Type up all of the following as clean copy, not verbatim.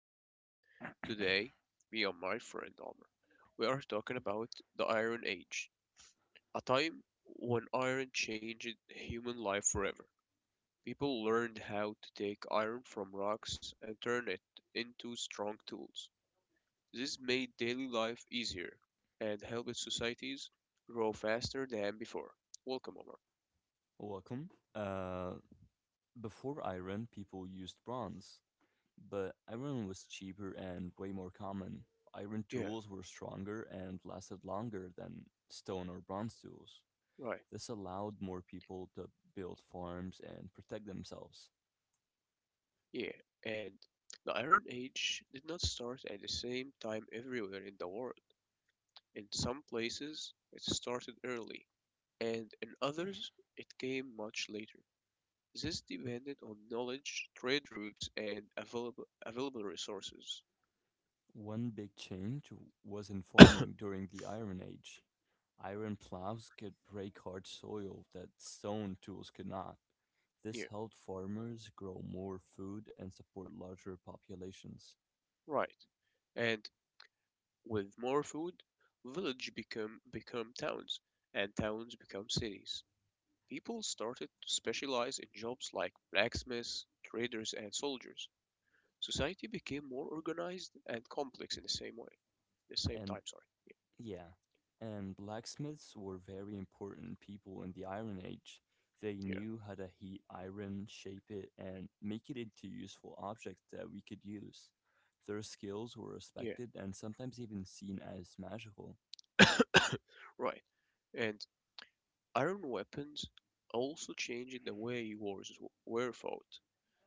episode. Today, me and my friend Almer, we are talking about the Iron Age, a time when iron changed human life forever. People learned how to take iron from rocks and turn it into strong tools. This made daily life easier and helped societies grow faster than before. Welcome, Omar. Welcome. Before iron, people used bronze, but iron was cheaper and way more common. Iron Yeah, tools were stronger and lasted longer than stone or bronze tools. right. This allowed more people to build farms and protect themselves. Yeah, and the Iron Age did not start at the same time everywhere in the world. In some places, it started early, and in others, it came much later. This depended on knowledge, trade routes, and available resources. One big change was in farming during the Iron Age. Iron plows could break hard soil that stone tools could not. This Yeah, helped farmers grow more food and support larger populations. right. And with more food, village become towns, and towns become cities. People started to specialize in jobs like blacksmiths, traders, and soldiers. Society became more organized and complex in the same way, the same And time, sorry. yeah, and blacksmiths were very important people in the Iron Age. They Yeah, knew how to heat iron, shape it, and make it into useful objects that we could use. Their skills were yeah, respected and sometimes even seen as magical. yeah. Right. And iron weapons also changed the way wars were fought.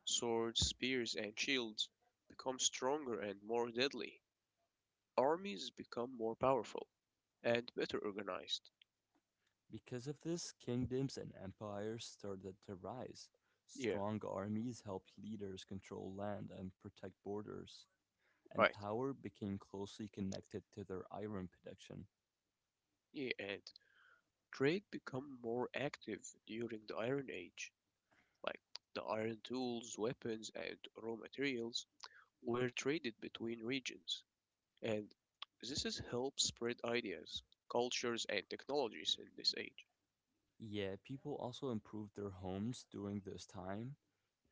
Swords, spears, and shields become stronger and more deadly. Armies become more powerful and better organized. Because of this, kingdoms and empires started to rise. Yeah, Strong armies helped leaders control land and protect borders, and right. power became closely connected to their iron production. Yeah, and trade become more active during the Iron Age, like the iron tools, weapons, and raw materials were traded between regions, and this has helped spread ideas, cultures, and technologies in this age. Yeah, people also improved their homes during this time.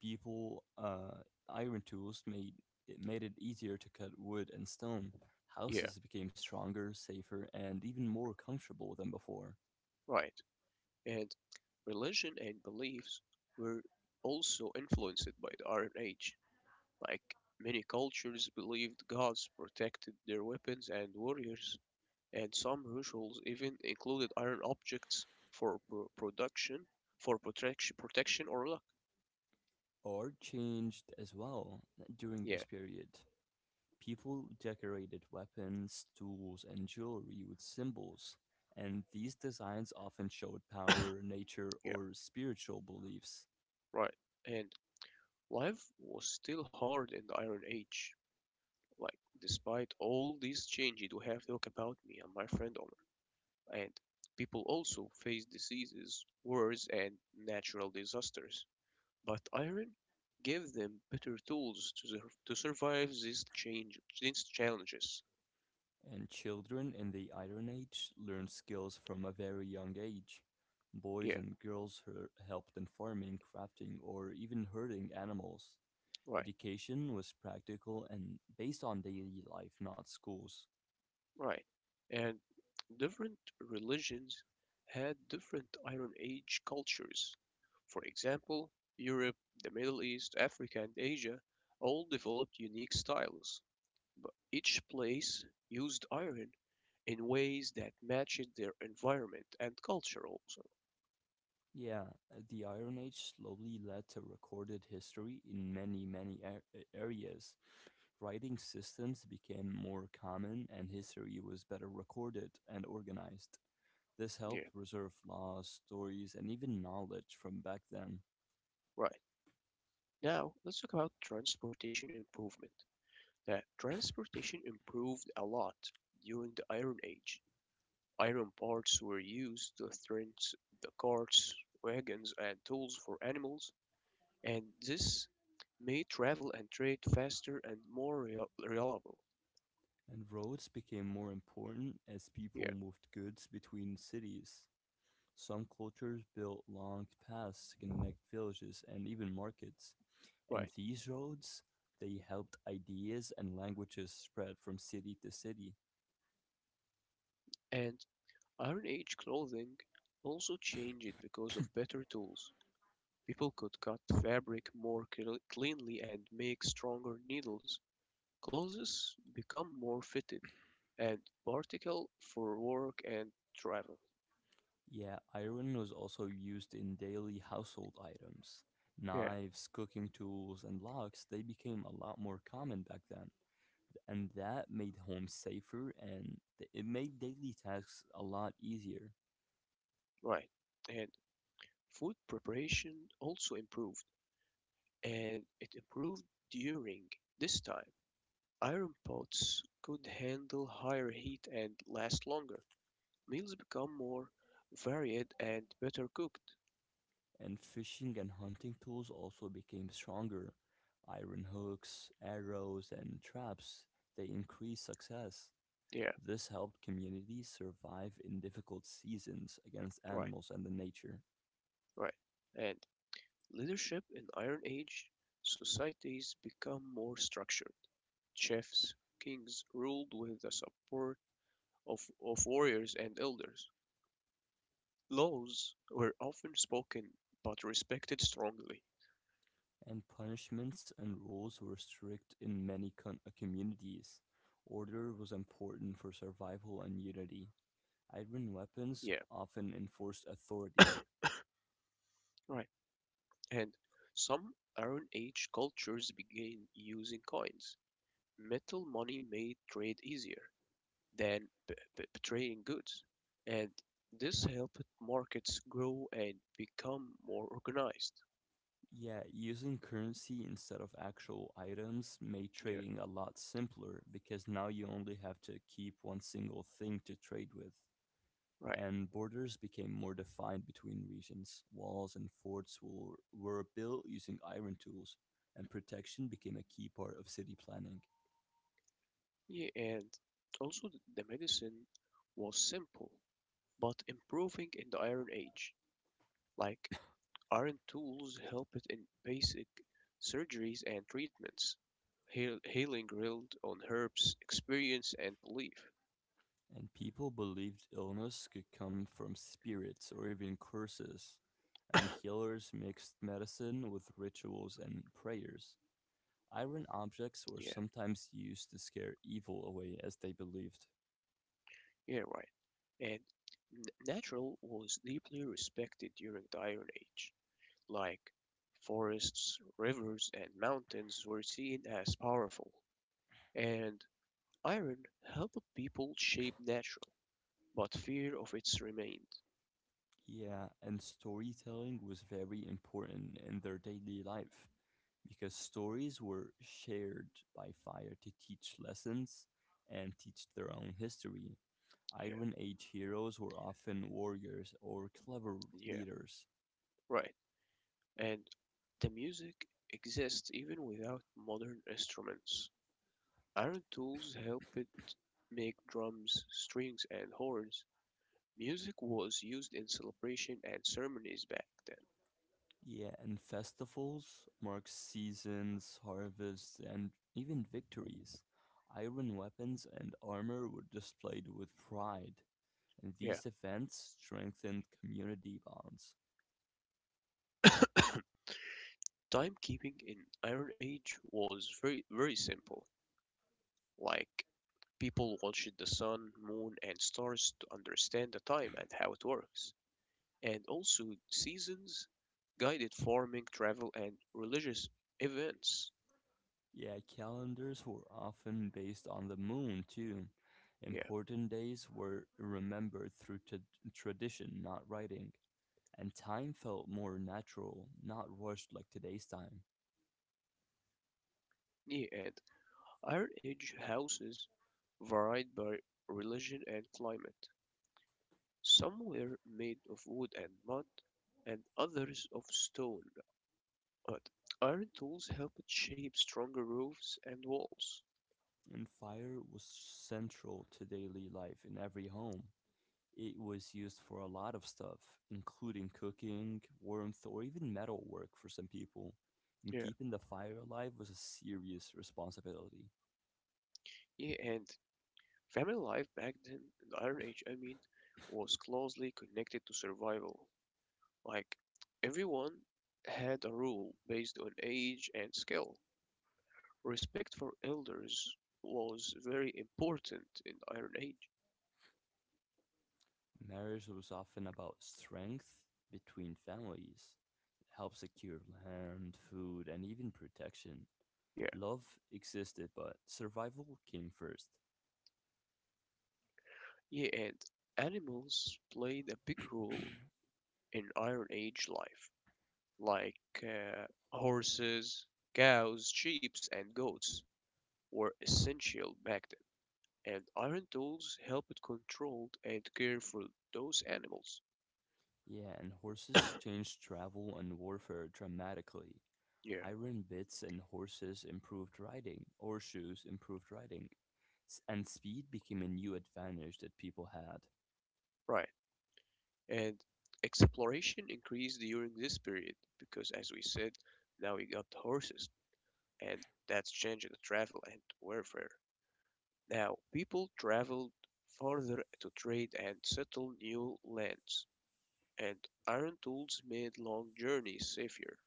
Iron tools made it easier to cut wood and stone. Yeah, Houses became stronger, safer, and even more comfortable than before. right. And religion and beliefs were also influenced by the Iron Age. Like many cultures believed gods protected their weapons and warriors, and some rituals even included iron objects for for protection or luck. Art changed as well during Yeah, this period. People decorated weapons, tools, and jewelry with symbols, and these designs often showed power, nature, yeah, or spiritual beliefs. right. And life was still hard in the Iron Age. Like, despite all these changes we have talked about, me and my friend Omar, and people also faced diseases, wars, and natural disasters. But iron gave them better tools to, to survive these, these challenges. And children in the Iron Age learned skills from a very young age. Boys Yeah, and girls helped in farming, crafting, or even herding animals. right. Education was practical and based on daily life, not schools. Right. And different religions had different Iron Age cultures. For example, Europe, the Middle East, Africa, and Asia all developed unique styles, but each place used iron in ways that matched their environment and culture also. Yeah, the Iron Age slowly led to recorded history in areas. Writing systems became more common and history was better recorded and organized. This Yeah, helped preserve laws, stories, and even knowledge from back then. right. Now, let's talk about transportation improvement. That transportation improved a lot during the Iron Age. Iron parts were used to strengthen the carts, wagons, and tools for animals, and this made travel and trade faster and more reliable. And roads became more important as Yeah, people moved goods between cities. Some cultures built long paths to connect villages and even markets. And right. these roads, they helped ideas and languages spread from city to city. And Iron Age clothing also changed because of better tools. People could cut fabric more cleanly and make stronger needles. Clothes become more fitted and particle for work and travel. Yeah, iron was also used in daily household items. Yeah, Knives, cooking tools, and locks they became a lot more common back then, and that made homes safer and it made daily tasks a lot easier. right. And food preparation also improved, and it improved during this time. Iron pots could handle higher heat and last longer. Meals become more varied and better cooked. And fishing and hunting tools also became stronger. Iron hooks, arrows, and traps they increased success. Yeah, This helped communities survive in difficult seasons against right, animals and the nature, right. And leadership in Iron Age societies become more structured. Chiefs, kings ruled with the support of, of warriors and elders. Laws were often spoken but respected strongly. and punishments and rules were strict in many communities. Order was important for survival and unity. Iron weapons Yeah. often enforced authority. Right. And some Iron Age cultures began using coins. Metal money made trade easier than trading goods, and this helped markets grow and become more organized. Yeah, using currency instead of actual items made Yeah, trading a lot simpler because now you only have to keep one single thing to trade with. right. And borders became more defined between regions. Walls and forts were built using iron tools, and protection became a key part of city planning. Yeah, and also the medicine was simple but improving in the Iron Age, like iron tools help it in basic surgeries and treatments. Healing relied on herbs, experience, and belief. And people believed illness could come from spirits or even curses, and healers mixed medicine with rituals and prayers. Iron objects were Yeah, sometimes used to scare evil away, as they believed. yeah, right. And natural was deeply respected during the Iron Age. Like forests, rivers, and mountains were seen as powerful. And iron helped people shape natural, but fear of it remained. Yeah, and storytelling was very important in their daily life, because stories were shared by fire to teach lessons and teach their own history. Yeah, Iron Age heroes were often warriors or clever yeah, leaders. right. And the music exists even without modern instruments. Iron tools helped make drums, strings, and horns. Music was used in celebration and ceremonies back then. Yeah, and festivals mark seasons, harvests, and even victories. Iron weapons and armor were displayed with pride, and these events strengthened community bonds. Yeah. Timekeeping in Iron Age was very simple. Like people watched the sun, moon, and stars to understand the time and how it works. And also seasons guided farming, travel, and religious events. Yeah, calendars were often based on the moon, too. Yeah. Important days were remembered through tradition, not writing. And time felt more natural, not rushed like today's time. Yet, Iron Age houses varied by religion and climate. Some were made of wood and mud, and others of stone, but iron tools helped shape stronger roofs and walls. And fire was central to daily life in every home. It was used for a lot of stuff, including cooking, warmth, or even metal work for some people. And Yeah. keeping the fire alive was a serious responsibility. Yeah, and family life back then, in the Iron Age, I mean, was closely connected to survival. Like, everyone had a rule based on age and skill. Respect for elders was very important in Iron Age. Marriage was often about strength between families. It helped secure land, food, and even protection. Yeah, Love existed, but survival came first. yeah, and animals played a big role in Iron Age life, like horses, cows, sheep, and goats were essential back then, and iron tools helped control and care for those animals. Yeah, and horses changed travel and warfare dramatically. Yeah, Iron bits and horses improved riding, or shoes improved riding, and speed became a new advantage that people had. right. And exploration increased during this period because, as we said, now we got horses and that's changing the travel and warfare. Now, people traveled farther to trade and settle new lands, and iron tools made long journeys safer.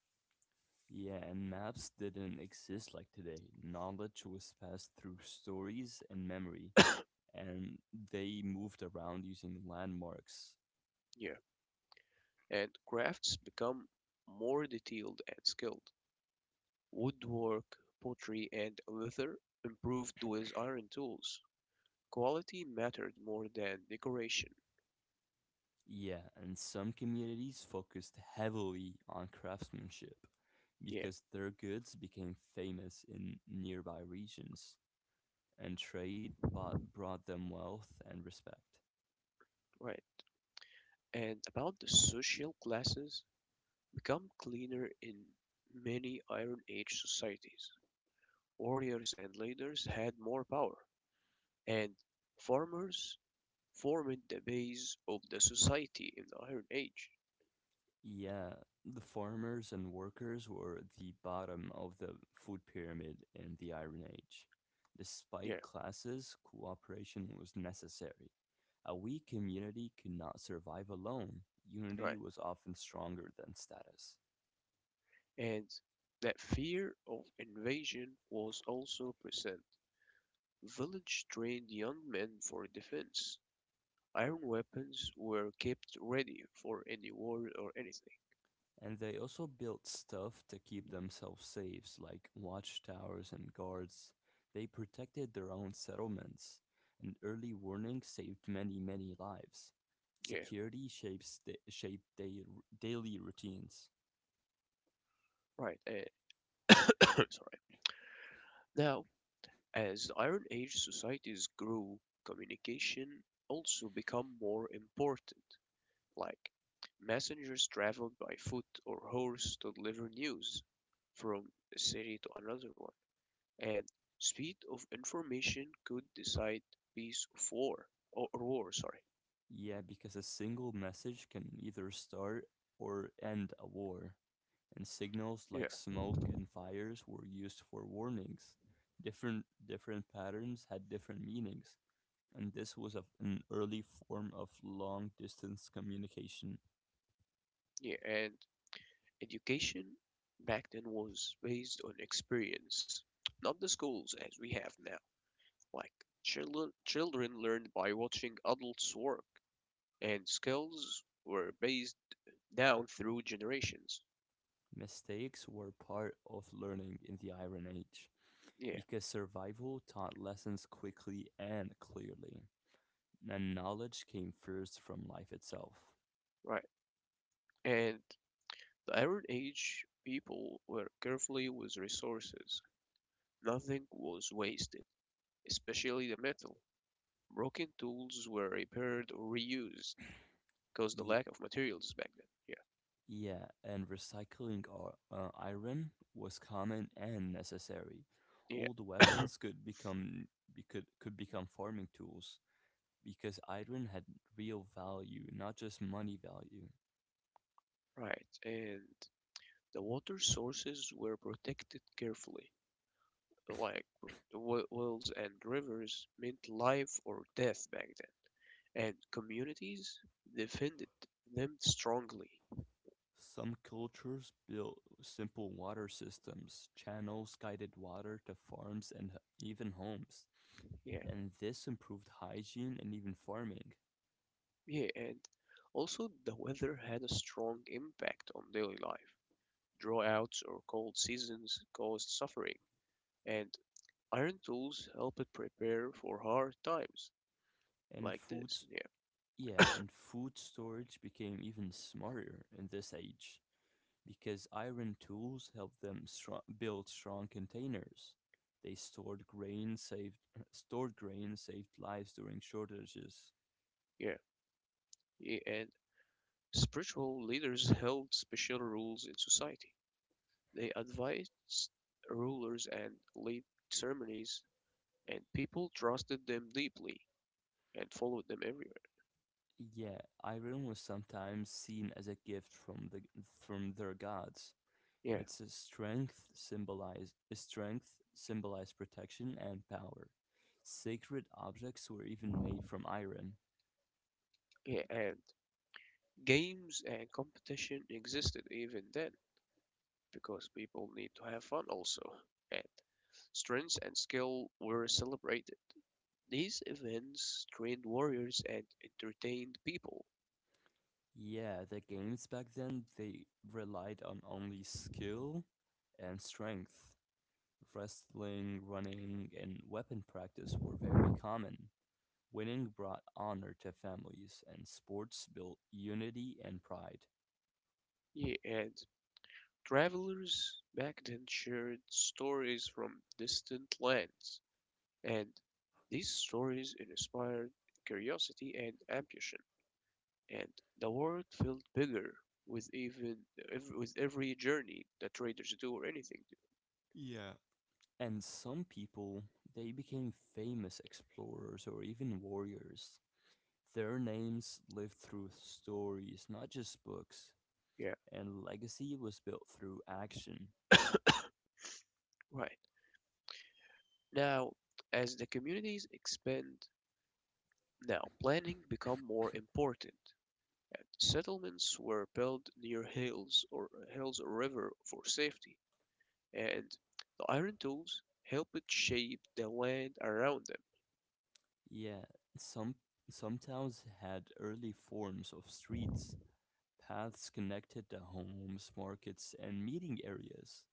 Yeah, and maps didn't exist like today. Knowledge was passed through stories and memory, and they moved around using landmarks. Yeah, and crafts become more detailed and skilled. Woodwork, pottery, and leather improved with iron tools. Quality mattered more than decoration. Yeah, and some communities focused heavily on craftsmanship Yeah, because their goods became famous in nearby regions, and trade brought them wealth and respect. right. And about the social classes, become cleaner in many Iron Age societies. Warriors and leaders had more power, and farmers formed the base of the society in the Iron Age. Yeah, the farmers and workers were the bottom of the food pyramid in the Iron Age. Yeah, Despite classes, cooperation was necessary. A weak community could not survive alone. Unity right. was often stronger than status. And that fear of invasion was also present. Village trained young men for defense. Iron weapons were kept ready for any war or anything. And they also built stuff to keep themselves safe, like watchtowers and guards. They protected their own settlements, and early warning saved many, many lives. Yeah, Shaped daily routines. right. Sorry. Now, as Iron Age societies grew, communication also became more important, like messengers traveled by foot or horse to deliver news from a city to another one, and speed of information could decide peace of war or war, sorry. Yeah, because a single message can either start or end a war, and signals Yeah, like smoke and fires were used for warnings. Different patterns had different meanings, and this was of an early form of long distance communication. yeah, and education back then was based on experience, not the schools as we have now. Like children learned by watching adults work and skills were based down through generations. Mistakes were part of learning in the Iron Age Yeah, because survival taught lessons quickly and clearly, and knowledge came first from life itself. right. And the Iron Age people were carefully with resources. Nothing was wasted, especially the metal. Broken tools were repaired or reused because the Ye- lack of materials back then. yeah, and recycling iron was common and necessary. Yeah, Old yeah. weapons could become farming tools because iron had real value, not just money value. Right, and the water sources were protected carefully. Like wells and rivers meant life or death back then, and communities defended them strongly. Some cultures built simple water systems, channels guided water to farms and even homes, Yeah, and this improved hygiene and even farming. yeah, and also the weather had a strong impact on daily life. Droughts or cold seasons caused suffering, and iron tools helped prepare for hard times And like this. foods, Yeah, yeah, and food storage became even smarter in this age because iron tools helped them build strong containers. They stored grain, saved stored grain, saved lives during shortages. yeah, yeah, and spiritual leaders held special rules in society. They advised rulers and led ceremonies, and people trusted them deeply and followed them everywhere. Yeah, iron was sometimes seen as a gift from their gods. Yeah, Its strength symbolized protection and power. Sacred objects were even made from iron. yeah, and games and competition existed even then because people need to have fun also, and strength and skill were celebrated. These events trained warriors and entertained people. Yeah, the games back then they relied on only skill and strength. Wrestling, running, and weapon practice were very common. Winning brought honor to families, and sports built unity and pride. Yeah, and travelers back then shared stories from distant lands. And these stories inspired curiosity and ambition, and the world felt bigger with even with every journey that traders do or anything Yeah, and some people, they became famous explorers or even warriors. Their names lived through stories, not just books, do. Yeah, and legacy was built through action. right. Now, as the communities expand, now planning become more important. And settlements were built near hills or river for safety, and the iron tools helped shape the land around them. Yeah, some some towns had early forms of streets. Paths connected to homes, markets, and meeting areas.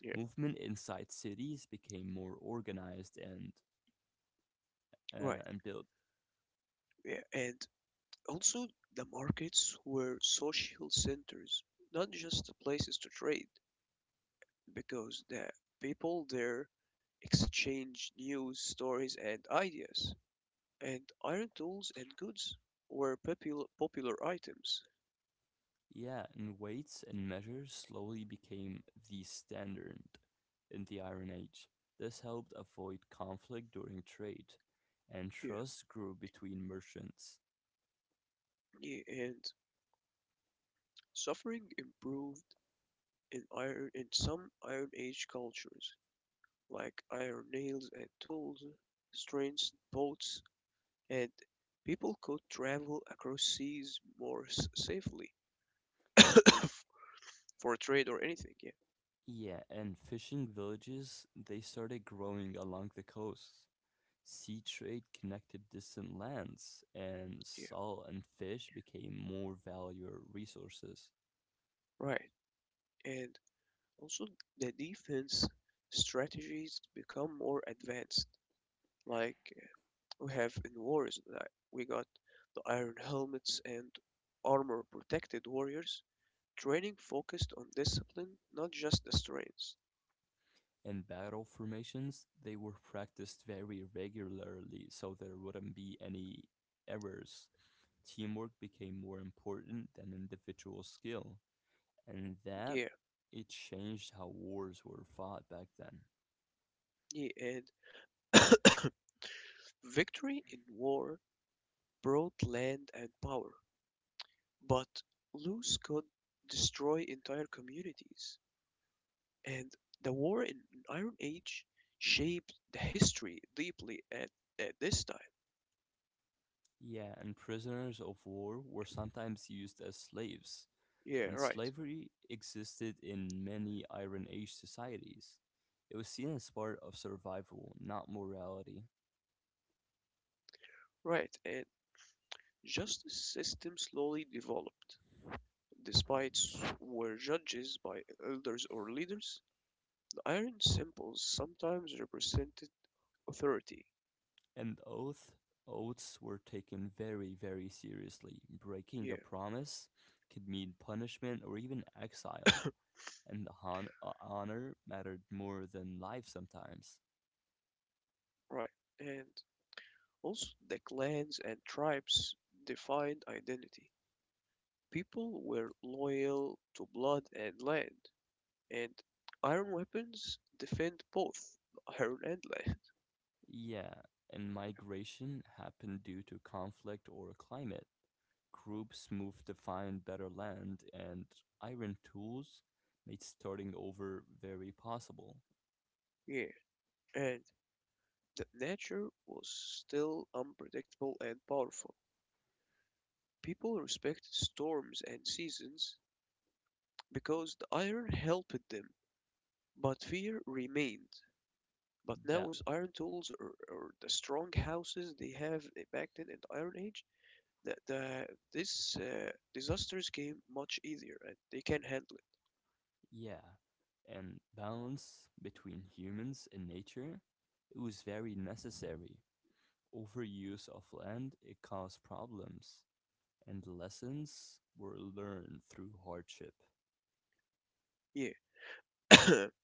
Yeah, Movement inside cities became more organized right. And built. Yeah, and also, the markets were social centers, not just places to trade, because the people there exchanged news, stories, and ideas. And iron tools and goods were popular items. Yeah, and weights and measures slowly became the standard in the Iron Age. This helped avoid conflict during trade, and Yeah, trust grew between merchants. yeah, and suffering improved in iron in some Iron Age cultures, like iron nails and tools, strengths, boats, and people could travel across seas more safely. For a trade or anything. Yeah, Yeah, and fishing villages they started growing along the coast. Sea trade connected distant lands, and yeah, salt and fish became more valuable resources. right. And also the defense strategies become more advanced. Like we have in wars, like we got the iron helmets and armor protected warriors. Training focused on discipline, not just the strengths. In battle formations, they were practiced very regularly so there wouldn't be any errors. Teamwork became more important than individual skill, and that Yeah, it changed how wars were fought back then. yeah, and victory in war brought land and power, but lose could destroy entire communities. And the war in Iron Age shaped the history deeply at this time. Yeah, and prisoners of war were sometimes used as slaves, Yeah, and right, slavery existed in many Iron Age societies. It was seen as part of survival, not morality. right. And justice system slowly developed. Despite were judges by elders or leaders, the iron symbols sometimes represented authority. And oaths were taken very, very seriously. Breaking Yeah, a promise could mean punishment or even exile, and honor mattered more than life sometimes. right. And also the clans and tribes defined identity. People were loyal to blood and land. And iron weapons defend both iron and land. Yeah, and migration happened due to conflict or climate. Groups moved to find better land, and iron tools made starting over very possible. Yeah, and that nature was still unpredictable and powerful. People respected storms and seasons because the iron helped them, but fear remained. But now Ba- with iron tools or the strong houses they have back then in the Iron Age, the this disasters came much easier and they can handle Yeah, and balance between humans and nature, it was very necessary. Overuse of land, it caused problems, and lessons were learned through hardship. it. Yeah.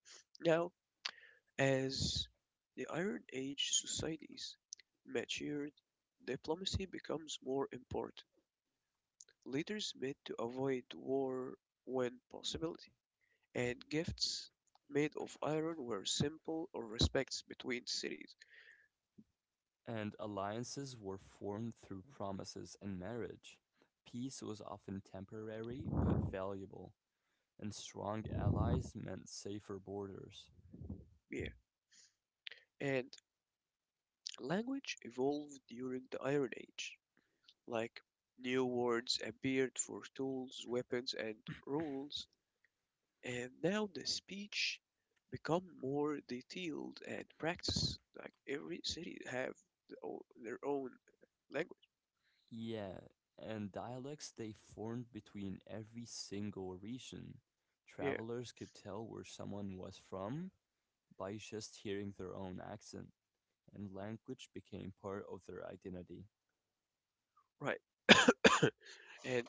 Now, as the Iron Age societies matured, diplomacy becomes more important. Leaders met to avoid war when possible, and gifts made of iron were simple or respects between cities. And alliances were formed through promises and marriage. Peace was often temporary but valuable, and strong allies meant safer borders. Yeah. And language evolved during the Iron Age. Like new words appeared for tools, weapons, and rules, and now the speech become more detailed and practice, like every city have the their own language. Yeah, and dialects they formed between every single region. Yeah, Travelers could tell where someone was from by just hearing their own accent, and language became part of their identity. right. And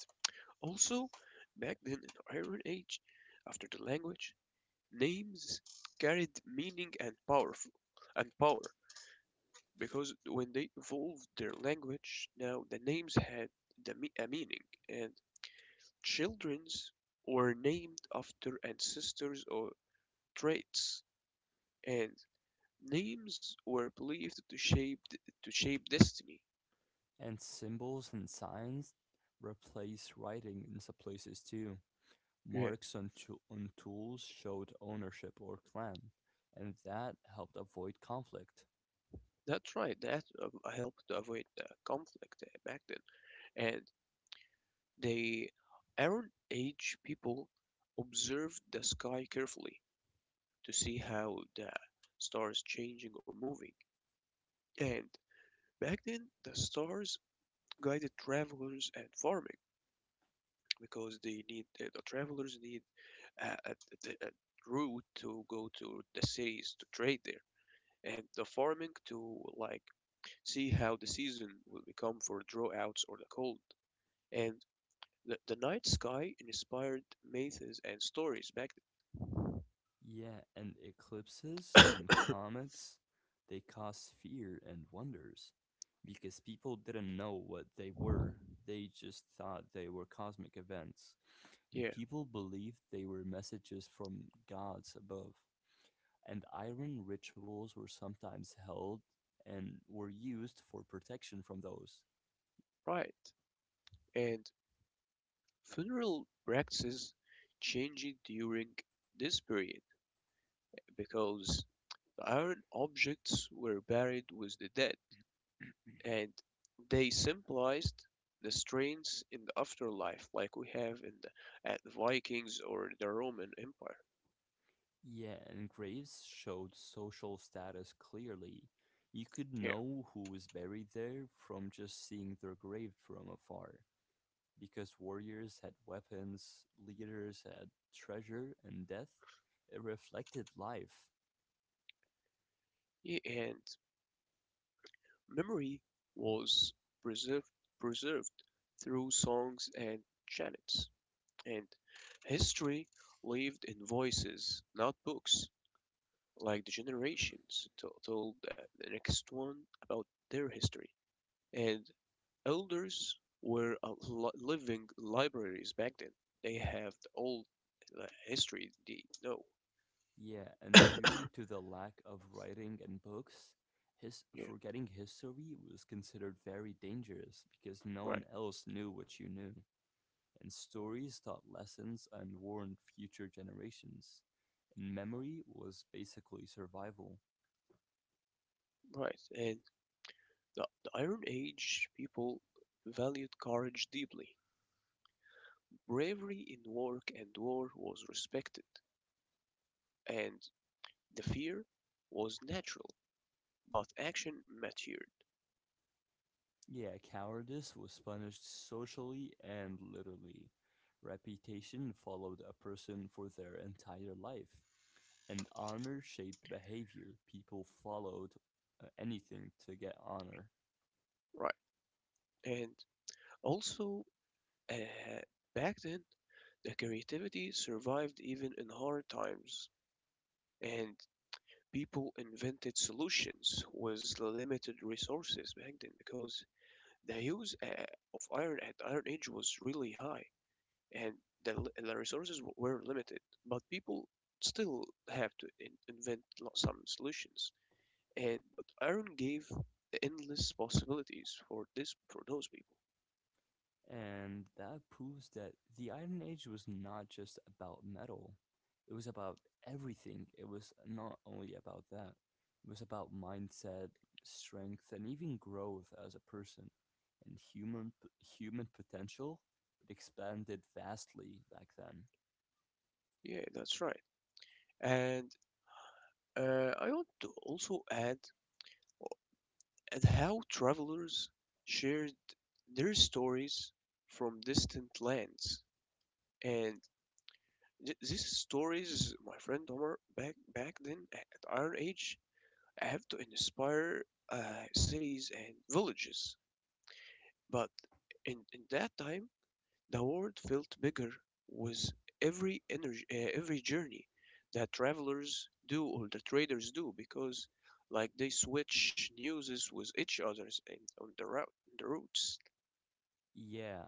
also back then in iron age after the language names carried meaning and powerful and power, because when they evolved their language now the names had the, a meaning, and children's were named after ancestors or traits, and names were believed to shape destiny. And symbols and signs replaced writing in some places too. Yeah. Marks on, on tools showed ownership or clan, and that helped avoid conflict. That's right. That helped to avoid the conflict back then. And the Iron Age people observed the sky carefully to see how the stars changing or moving. And back then, the stars guided travelers and farming because they need the travelers need a route to go to the cities to trade there and the farming to like see how the season will become for droughts or the cold. And the night sky inspired myths and stories back Yeah, and then. eclipses and comets, they caused fear and wonders because people didn't know what they were. They just thought they were cosmic events, and Yeah, people believed they were messages from gods above. And iron rituals were sometimes held and were used for protection from those. right. And funeral practices changed during this period because the iron objects were buried with the dead and they symbolized the strains in the afterlife like we have in the Vikings or the Roman Empire. Yeah, and graves showed social status clearly. You could Yeah. know who was buried there from just seeing their grave from afar, because warriors had weapons, leaders had treasure and death. It reflected life. Yeah, and memory was preserved preserved through songs and chants, and history lived in voices, not books, like the generations told the next one about their history. And elders were a living libraries back then. They have the old history they know. Yeah, and Yeah, due to the lack of writing and books, his forgetting history was considered very dangerous because no right, one else knew what you knew, and stories taught lessons and warned future generations. And memory was basically survival. right. And the Iron Age people valued courage deeply. Bravery in work and war was respected, and the fear was natural, but action mattered. Yeah, cowardice was punished socially and literally. Reputation followed a person for their entire life, and honor shaped behavior. People followed anything to get honor. Right. And also, uh, back then, the creativity survived even in hard times, and people invented solutions with limited resources back then because the use of iron at Iron Age was really high. And the, the resources were limited. But people still have to invent some solutions. And but Aaron gave the endless possibilities for this for those people. And that proves that the Iron Age was not just about metal, it was about everything. It was not only about that, it was about mindset, strength, and even growth as a person. And human potential, it expanded vastly back then. Yeah, that's right. And I want to also add at how travelers shared their stories from distant lands. And these stories, my friend Omar, back then at Iron Age, I have to inspire uh, cities and villages. But in that time, the world felt bigger with every energy, every journey that travelers do or the traders do because like they switch newses with each others and on the route the routes. Yeah,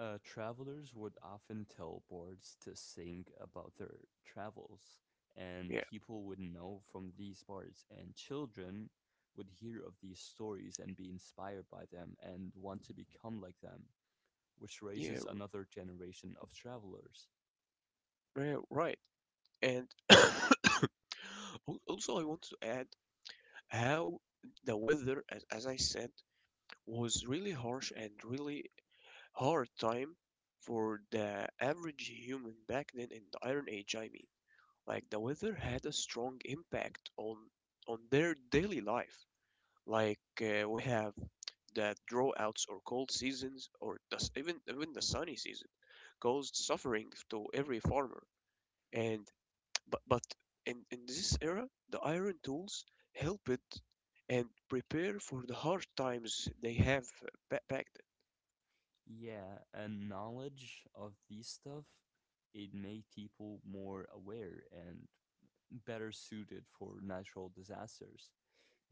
travelers would often tell boards to sing about their travels, and Yeah, people would know from these boards, and children would hear of these stories and be inspired by them and want to become like them, which yeah, raises another generation of travelers. Right. And also I want to add how the weather, as I said, was really harsh and really hard time for the average human back then in the Iron Age, I mean. Like the weather had a strong impact on their daily life. Like we have the droughts or cold seasons or even the sunny season caused suffering to every farmer. And but in this era, the iron tools helped and prepare for the hard times they have back Yeah, and knowledge of these stuff, it made people more aware and better suited for natural disasters,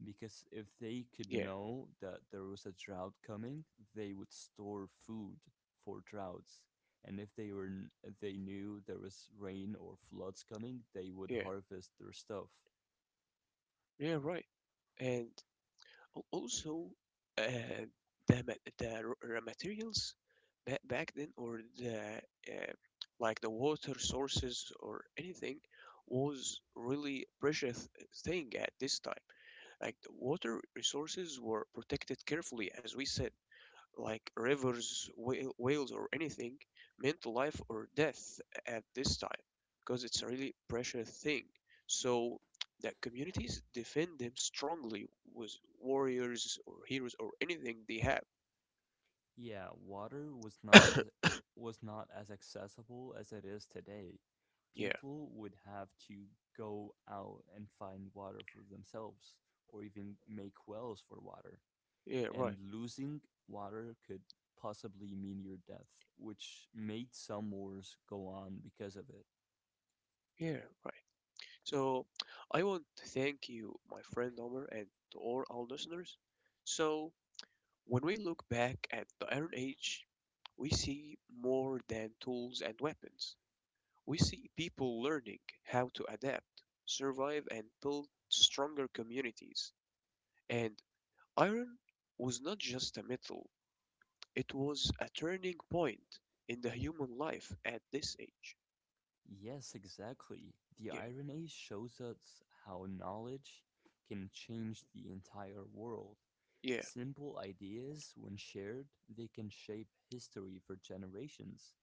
because if they could then. Yeah, know that there was a drought coming, they would store food for droughts. And if they were they knew there was rain or floods coming, they would yeah, harvest their stuff. yeah, right. And Also, uh, the the raw materials back then, or the uh, like the water sources or anything, was really precious thing at this time. Like the water resources were protected carefully, as we said like rivers, whales, or anything, meant life or death at this time, because it's a really precious thing. So that communities defend them strongly with warriors or heroes or anything they have. Yeah, water was not as was not as accessible as it is today. Yeah, People would have to go out and find water for themselves or even make wells for water, yeah, right. and losing water could possibly mean your death, which made some wars go on because of it. Yeah, right. So I want to thank you, my friend Omar, and to all our listeners. So when we look back at the Iron Age, we see more than tools and weapons. We see people learning how to adapt, survive, and build stronger communities. And iron was not just a metal, it was a turning point in the human life at this age. Yes, exactly. The Yeah, Iron Age shows us how knowledge can change the entire world. yeah, Simple ideas, when shared, they can shape history for generations.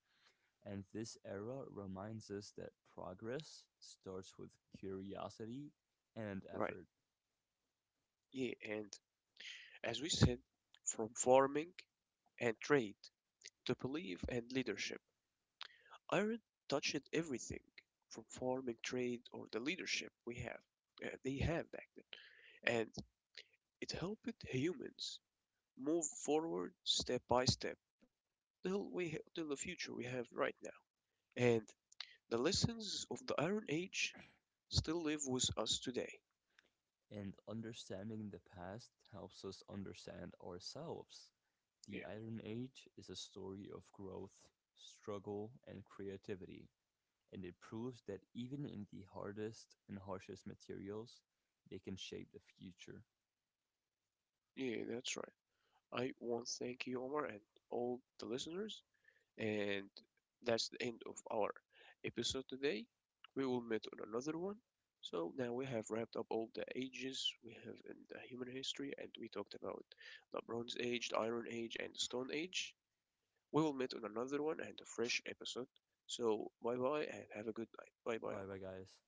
And this era reminds us that progress starts with curiosity and right. effort. Yeah, and as we said, from farming and trade to belief and leadership, iron touched everything from farming, trade, or the leadership we have. Uh, they have back then. And it helped humans move forward step by step till we till the future we have right now. And the lessons of the Iron Age still live with us today. And understanding the past helps us understand ourselves. The Yeah, Iron Age is a story of growth, struggle, and creativity, and it proves that even in the hardest and harshest materials, they can shape the future. yeah, that's right. I want to thank you, Omar, and all the listeners. And that's the end of our episode today. We will meet on another one. So now we have wrapped up all the ages we have in the human history, and we talked about the Bronze Age, the Iron Age, and the Stone Age. We will meet on another one and a fresh episode. So, bye bye and have a good night. Bye Bye bye, bye, guys.